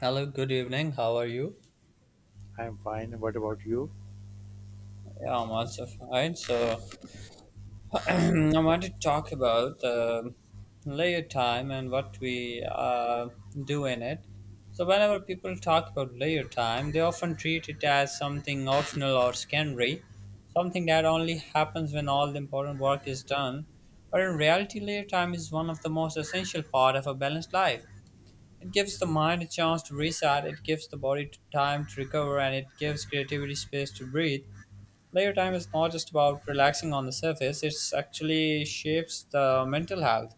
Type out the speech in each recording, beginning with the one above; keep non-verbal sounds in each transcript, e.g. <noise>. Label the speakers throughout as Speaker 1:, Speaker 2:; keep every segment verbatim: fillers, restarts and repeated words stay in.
Speaker 1: Hello, good evening. How are you?
Speaker 2: I'm fine. What about you?
Speaker 1: Yeah, I'm also fine. So, <clears throat> I want to talk about the layer time and what we uh, do in it. So, whenever people talk about layer time, they often treat it as something optional or secondary, something that only happens when all the important work is done. But in reality, layer time is one of the most essential part of a balanced life. It gives the mind a chance to reset, it gives the body time to recover, and it gives creativity space to breathe. Layer time is not just about relaxing on the surface, it actually shapes the mental health,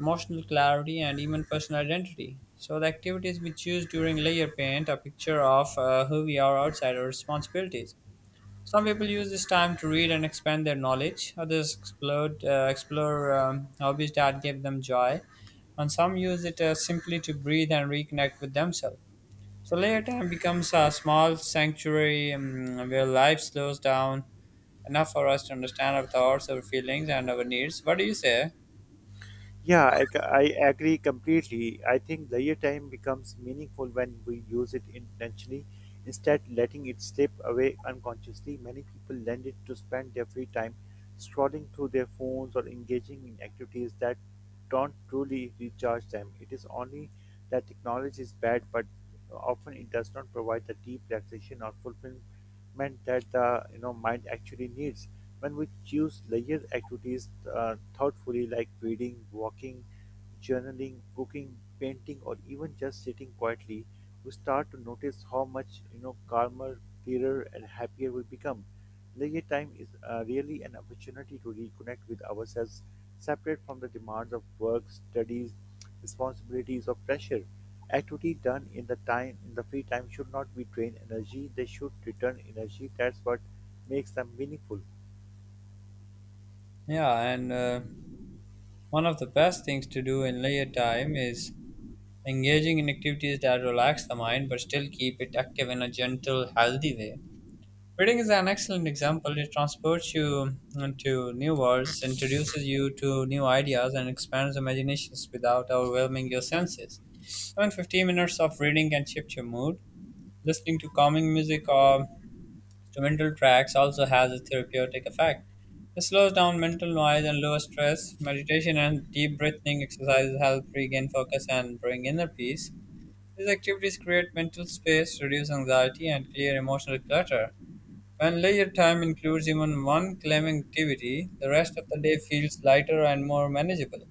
Speaker 1: emotional clarity, and even personal identity. So, the activities we choose during layer paint a picture of uh, who we are outside our responsibilities. Some people use this time to read and expand their knowledge, others explore, uh, explore um, hobbies that give them joy, and some use it uh, simply to breathe and reconnect with themselves. So layer time becomes a small sanctuary um, where life slows down enough for us to understand our thoughts, our feelings, and our needs. What do you say?
Speaker 2: Yeah, I, c- I agree completely. I think leisure time becomes meaningful when we use it intentionally instead letting it slip away unconsciously. Many people lend it to spend their free time scrolling through their phones or engaging in activities that don't truly recharge them. It is only that technology is bad, but often it does not provide the deep relaxation or fulfillment that the you know mind actually needs. When we choose leisure activities uh, thoughtfully, like reading, walking, journaling, cooking, painting, or even just sitting quietly, we start to notice how much you know calmer, clearer, and happier we become. Leisure time is uh, really an opportunity to reconnect with ourselves, separate from the demands of work, studies, responsibilities, or pressure. Activity done in the time in the free time should not be drain energy; they should return energy. That's what makes them meaningful.
Speaker 1: Yeah, and uh, one of the best things to do in leisure time is engaging in activities that relax the mind but still keep it active in a gentle, healthy way. Reading is an excellent example. It transports you into new worlds, introduces you to new ideas, and expands imaginations without overwhelming your senses. Even fifteen minutes of reading can shift your mood. Listening to calming music or instrumental tracks also has a therapeutic effect. It slows down mental noise and lowers stress. Meditation and deep breathing exercises help regain focus and bring inner peace. These activities create mental space, reduce anxiety, and clear emotional clutter. When leisure time includes even one climbing activity, the rest of the day feels lighter and more manageable.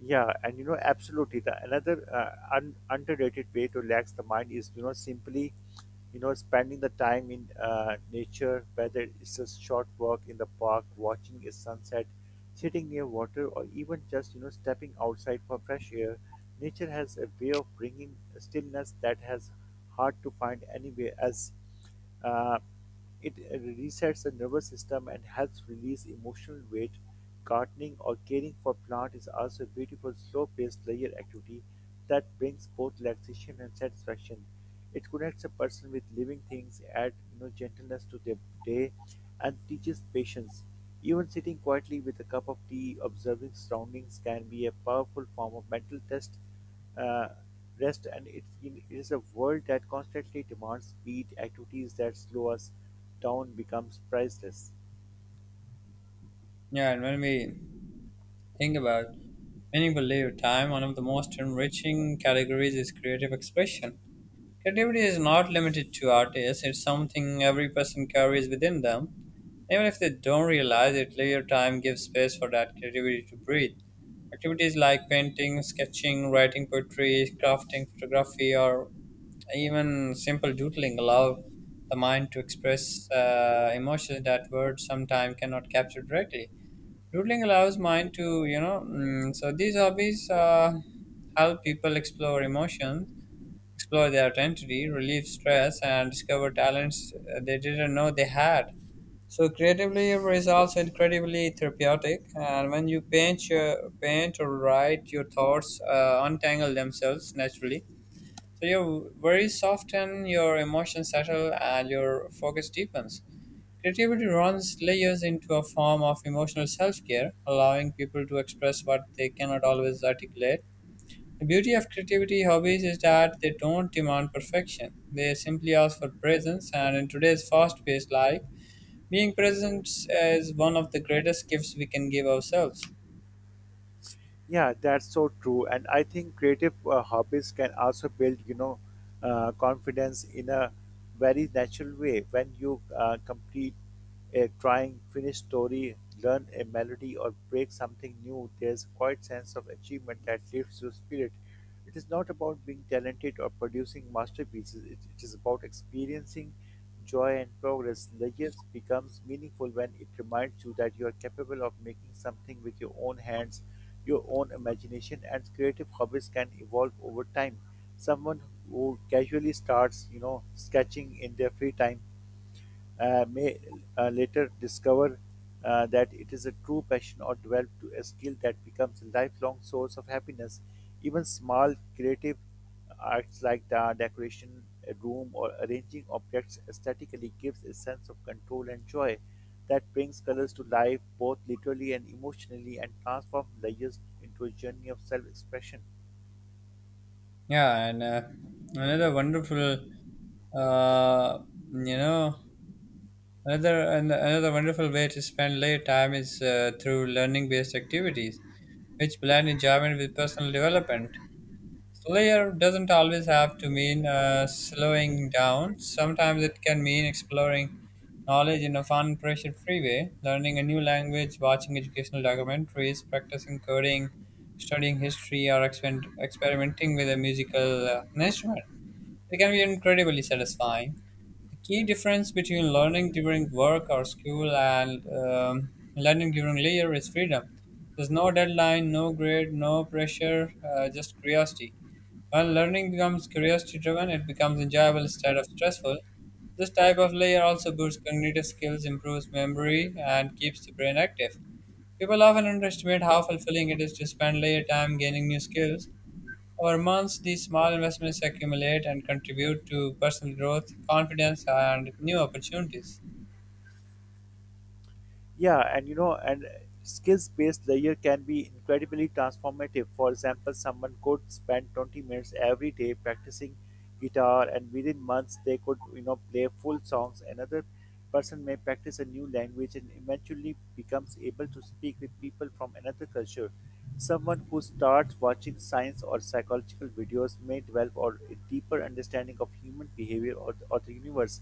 Speaker 2: Yeah, and you know, absolutely. The another uh, un- underrated way to relax the mind is, you know, simply, you know, spending the time in uh, nature, whether it's a short walk in the park, watching a sunset, sitting near water, or even just, you know, stepping outside for fresh air. Nature has a way of bringing stillness that has hard to find anywhere else. Uh, it resets the nervous system and helps release emotional weight. Gardening or caring for plant is also a beautiful slow-paced leisure activity that brings both relaxation and satisfaction. It connects a person with living things, adds you know, gentleness to their day, and teaches patience. Even sitting quietly with a cup of tea, observing surroundings can be a powerful form of mental test uh, rest, and it, it is a world that constantly demands speed. Activities that slow us down becomes priceless.
Speaker 1: Yeah, and when we think about meaningful leisure time, one of the most enriching categories is creative expression. Creativity is not limited to artists, it's something every person carries within them. Even if they don't realize it, later time gives space for that creativity to breathe. Activities like painting, sketching, writing poetry, crafting, photography, or even simple doodling allow the mind to express uh, emotions that words sometimes cannot capture directly. Doodling allows mind to, you know, mm, so these hobbies uh, help people explore emotions explore their identity, relieve stress, and discover talents they didn't know they had. So creatively is also incredibly therapeutic, and when you paint, your, paint or write, your thoughts uh, untangle themselves naturally. So you're very soft, and your emotions settle, and your focus deepens. Creativity runs layers into a form of emotional self care, allowing people to express what they cannot always articulate the beauty of creativity hobbies is that they don't demand perfection. They simply ask for presence, and in today's fast paced life, being present is one of the greatest gifts we can give ourselves.
Speaker 2: Yeah, that's so true. And I think creative uh, hobbies can also build, you know, uh, confidence in a very natural way. When you uh, complete a trying finished story, learn a melody, or break something new, there's quite sense of achievement that lifts your spirit. It is not about being talented or producing masterpieces, it, it is about experiencing joy and progress. Legacy becomes meaningful when it reminds you that you are capable of making something with your own hands, your own imagination, and creative hobbies can evolve over time. Someone who casually starts, you know, sketching in their free time uh, may uh, later discover uh, that it is a true passion or develop to a skill that becomes a lifelong source of happiness. Even small creative arts like the decoration a room or arranging objects aesthetically gives a sense of control and joy that brings colors to life both literally and emotionally and transforms layers into a journey of self-expression.
Speaker 1: Yeah, and uh, another wonderful, uh, you know, another and another wonderful way to spend late time is uh, through learning based activities, which blend enjoyment with personal development. Layer doesn't always have to mean uh, slowing down. Sometimes it can mean exploring knowledge in a fun, pressure free way, learning a new language, watching educational documentaries, practicing coding, studying history, or exper- experimenting with a musical uh, instrument. It can be incredibly satisfying. The key difference between learning during work or school and um, learning during leisure is freedom. There's no deadline, no grade, no pressure, uh, just curiosity. When learning becomes curiosity driven, it becomes enjoyable instead of stressful. This type of layer also boosts cognitive skills, improves memory, and keeps the brain active. People often underestimate how fulfilling it is to spend layer time gaining new skills. Over months, these small investments accumulate and contribute to personal growth, confidence, and new opportunities.
Speaker 2: Yeah, and you know, and skills based layer can be incredibly transformative. For example, someone could spend twenty minutes every day practicing guitar, and within months they could, you know, play full songs. Another person may practice a new language and eventually becomes able to speak with people from another culture. Someone who starts watching science or psychological videos may develop or a deeper understanding of human behavior or, or the universe.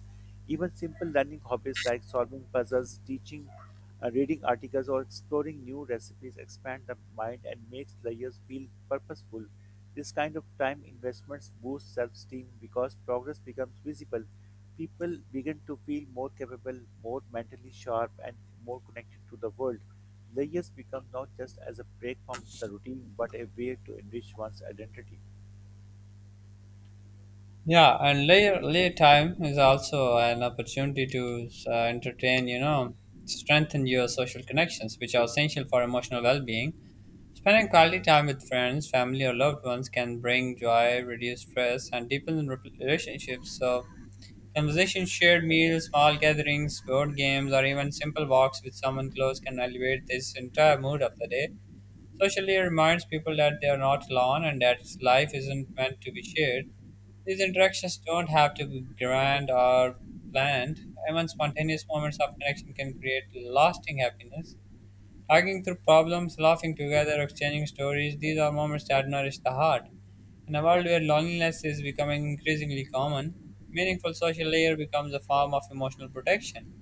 Speaker 2: Even simple learning hobbies like solving puzzles, teaching uh, reading articles or exploring new recipes expand the mind and makes layers feel purposeful. This kind of time investments boost self-esteem because progress becomes visible. People begin to feel more capable, more mentally sharp, and more connected to the world. Layers become not just as a break from the routine, but a way to enrich one's identity.
Speaker 1: Yeah, and leisure, leisure time is also an opportunity to uh, entertain, you know, strengthen your social connections, which are essential for emotional well being. Spending quality time with friends, family, or loved ones can bring joy, reduce stress, and deepen rep- relationships. So, conversations, shared meals, small gatherings, board games, or even simple walks with someone close can elevate this entire mood of the day. Socially, it reminds people that they are not alone and that life isn't meant to be shared. These interactions don't have to be grand or planned. Even spontaneous moments of connection can create lasting happiness. Talking through problems, laughing together, exchanging stories, these are moments that nourish the heart. In a world where loneliness is becoming increasingly common, meaningful social layer becomes a form of emotional protection.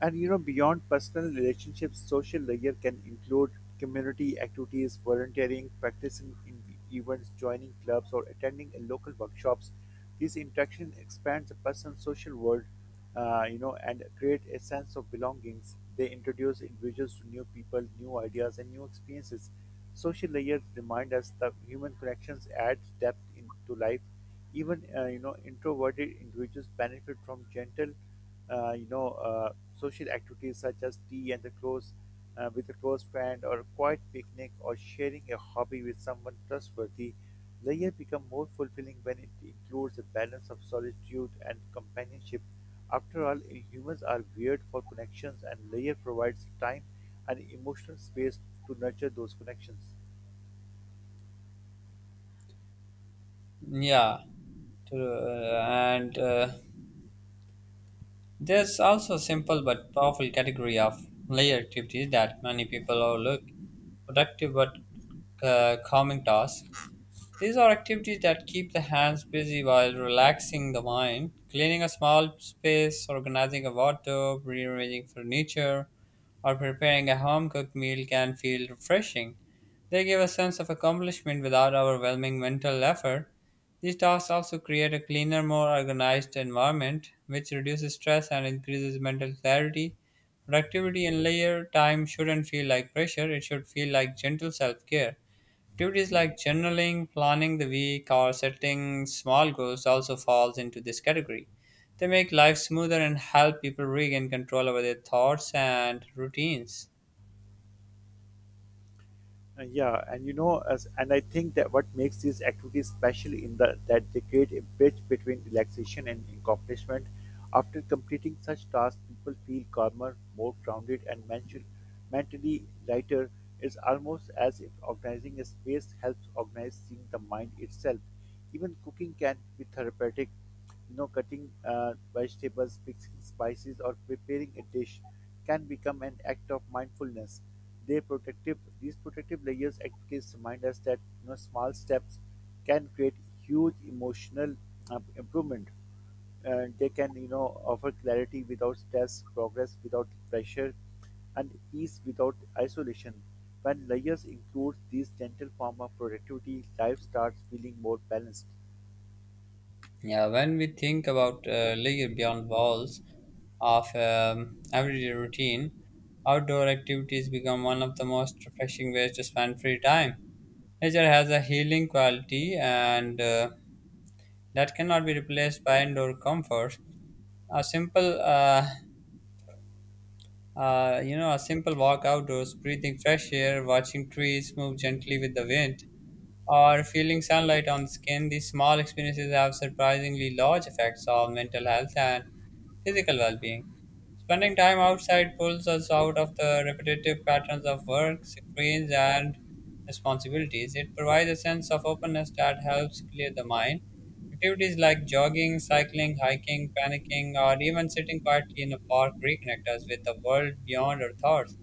Speaker 2: And you know, beyond personal relationships, social layer can include community activities, volunteering, practicing in events, joining clubs, or attending a local workshops. These interactions expand the person's social world, uh, you know, and create a sense of belongings. They introduce individuals to new people, new ideas, and new experiences. Social layers remind us that human connections add depth into life. Even uh, you know, introverted individuals benefit from gentle uh, you know, uh, social activities such as tea and the close uh, with a close friend or a quiet picnic or sharing a hobby with someone trustworthy, later become more fulfilling when it includes a balance of solitude and companionship. After all, humans are weird for connections and layer provides time and emotional space to nurture those connections.
Speaker 1: Yeah, to, uh, and uh, there's also a simple but powerful category of layer activities that many people overlook productive but uh, calming tasks. These are activities that keep the hands busy while relaxing the mind. Cleaning a small space, organizing a wardrobe, rearranging furniture, or preparing a home cooked meal can feel refreshing. They give a sense of accomplishment without overwhelming mental effort. These tasks also create a cleaner, more organized environment, which reduces stress and increases mental clarity. Productivity and leisure time shouldn't feel like pressure, it should feel like gentle self care. Activities like journaling, planning the week, or setting small goals also falls into this category. They make life smoother and help people regain control over their thoughts and routines.
Speaker 2: Uh, Yeah, and you know, as, and I think that what makes these activities special in the that they create a bridge between relaxation and accomplishment. After completing such tasks, people feel calmer, more grounded, and mental, mentally lighter. It's almost as if organizing a space helps organizing the mind itself. Even cooking can be therapeutic. You know, cutting uh, vegetables, mixing spices, or preparing a dish can become an act of mindfulness. They protective These protective layers actually remind us that you know small steps can create huge emotional uh, improvement, and they can, you know, offer clarity without stress, progress without pressure, and peace without isolation. When layers include these gentle form of productivity, life starts feeling more balanced.
Speaker 1: Yeah, when we think about uh, layer beyond walls of um, everyday routine, outdoor activities become one of the most refreshing ways to spend free time. Nature has a healing quality, and uh, that cannot be replaced by indoor comfort. A simple uh, Uh, you know, a simple walk outdoors, breathing fresh air, watching trees move gently with the wind, or feeling sunlight on the skin, these small experiences have surprisingly large effects on mental health and physical well being. Spending time outside pulls us out of the repetitive patterns of work, screens, and responsibilities. It provides a sense of openness that helps clear the mind. Activities like jogging, cycling, hiking, panicking, or even sitting quietly in a park reconnect us with the world beyond our thoughts.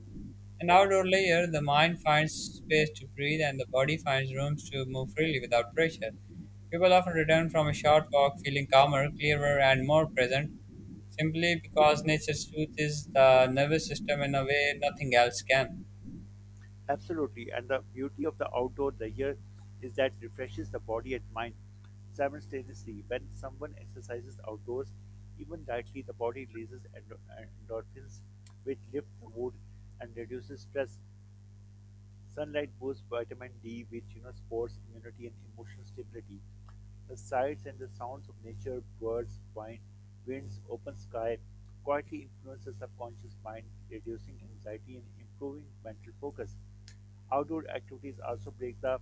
Speaker 1: An outdoor layer, the mind finds space to breathe and the body finds rooms to move freely without pressure. People often return from a short walk feeling calmer, clearer, and more present, simply because nature's truth is the nervous system in a way nothing else can.
Speaker 2: Absolutely. And the beauty of the outdoor leisure is that refreshes the body and mind simultaneously. When someone exercises outdoors, even lightly, the body releases endo- endorphins, which lift the mood and reduces stress. Sunlight boosts vitamin D, which you know supports immunity and emotional stability. The sights and the sounds of nature, birds, wine, winds, open sky, quietly influence the subconscious mind, reducing anxiety and improving mental focus. Outdoor activities also break the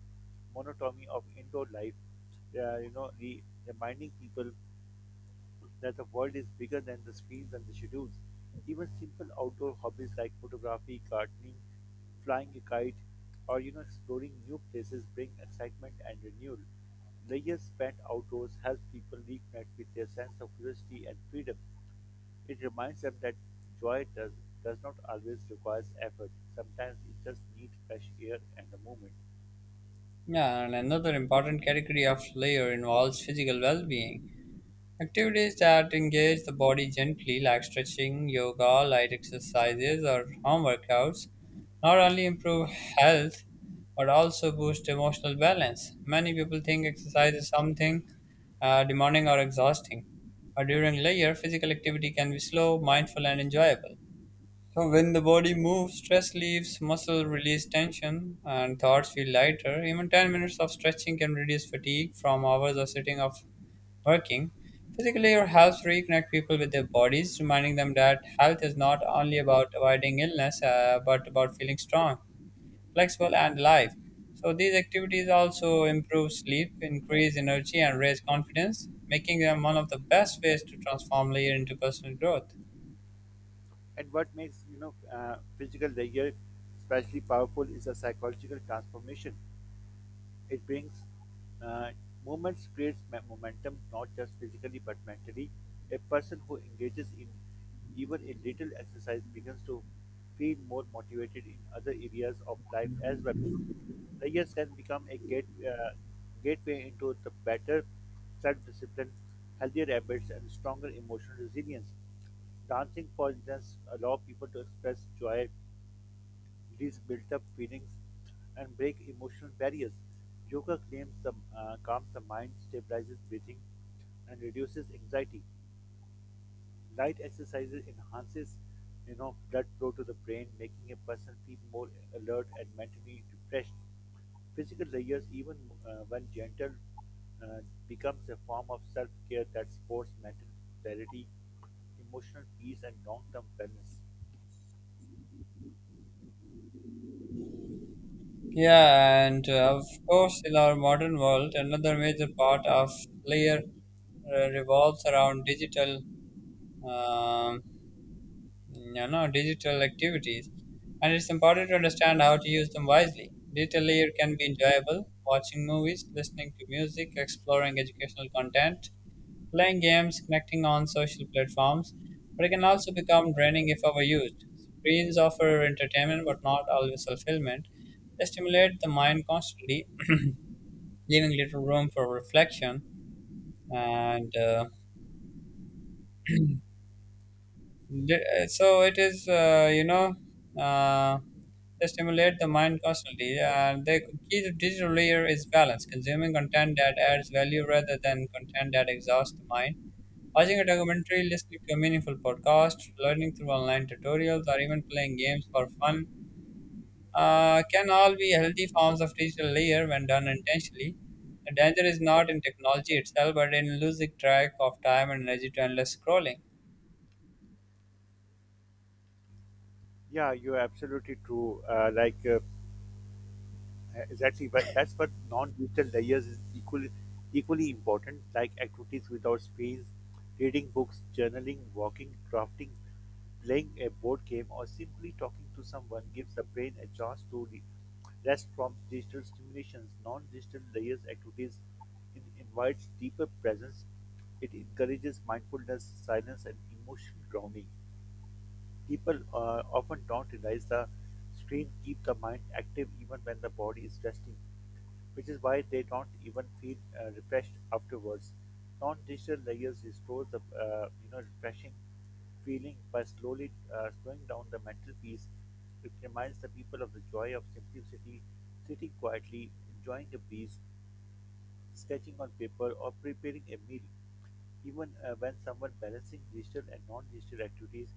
Speaker 2: monotony of indoor life, uh, you know, re- reminding people that the world is bigger than the screens and the schedules. Even simple outdoor hobbies like photography, gardening, flying a kite, or you know exploring new places bring excitement and renewal. The years spent outdoors helps people reconnect with their sense of curiosity and freedom. It reminds them that joy does, does not always require effort. Sometimes it just needs fresh air and a movement.
Speaker 1: Yeah, and another important category of layer involves physical well being. Activities that engage the body gently, like stretching, yoga, light exercises, or home workouts, not only improve health but also boost emotional balance. Many people think exercise is something uh, demanding or exhausting, but during layer, physical activity can be slow, mindful, and enjoyable. So when the body moves, stress leaves, muscles release tension, and thoughts feel lighter. Even ten minutes of stretching can reduce fatigue from hours of sitting of working. Physically, your helps reconnect people with their bodies, reminding them that health is not only about avoiding illness, uh, but about feeling strong, flexible, and alive. So these activities also improve sleep, increase energy, and raise confidence, making them one of the best ways to transform layer into personal growth.
Speaker 2: And what makes you know uh, physical layer especially powerful is a psychological transformation. It brings uh, movements, creates momentum, not just physically but mentally. A person who engages in even a little exercise begins to feel more motivated in other areas of life as well. Layers can become a gate, uh, gateway into the better self-discipline, healthier habits, and stronger emotional resilience. Dancing, for instance, allow people to express joy, release built-up feelings, and break emotional barriers. Yoga claims the, uh, calms the mind, stabilizes breathing, and reduces anxiety. Light exercises enhances, you know, blood flow to the brain, making a person feel more alert and mentally refreshed. Physical layers, even uh, when gentle, uh, becomes a form of self-care that supports mental clarity, emotional peace, and long-term wellness.
Speaker 1: Yeah, and uh, of course, in our modern world, another major part of layer uh, revolves around digital. Um, you know digital activities and it's important to understand how to use them wisely digital layer can be enjoyable watching movies listening to music exploring educational content playing games connecting on social platforms but it can also become draining if overused screens offer entertainment but not always fulfillment they stimulate the mind constantly <clears throat> leaving little room for reflection and uh, D- so it is uh, you know uh, they stimulate the mind constantly and the key to digital layer is balance consuming content that adds value rather than content that exhausts the mind watching a documentary listening to a meaningful podcast learning through online tutorials or even playing games for fun uh, can all be healthy forms of digital layer when done intentionally the danger is not in technology itself but in losing track of time and energy to endless scrolling.
Speaker 2: Yeah, you're absolutely true. Uh, like. Uh, Uh, Exactly, but that's what non-digital layers is equally equally important, like activities without screens, reading books, journaling, walking, crafting, playing a board game, or simply talking to someone gives the brain a chance to re- rest from digital stimulations. Non-digital layers activities in- invites deeper presence. It encourages mindfulness, silence, and emotional grounding. People uh, often don't realize the screen keep the mind active even when the body is resting, which is why they don't even feel uh, refreshed afterwards. Non-digital layers restores the uh, you know refreshing feeling by slowly uh, slowing down the mental peace. It reminds the people of the joy of simplicity, sitting quietly, enjoying the breeze, sketching on paper, or preparing a meal. Even uh, when someone balancing digital and non-digital activities,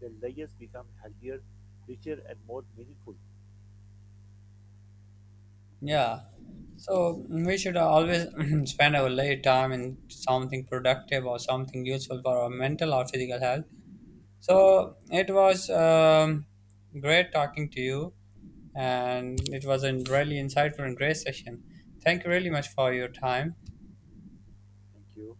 Speaker 2: their lives become healthier, richer, and more meaningful.
Speaker 1: Yeah. So mm, we should always <clears throat> spend our late time in something productive or something useful for our mental or physical health. So it was um, great talking to you, and it was a really insightful and great session. Thank you really much for your time.
Speaker 2: Thank you.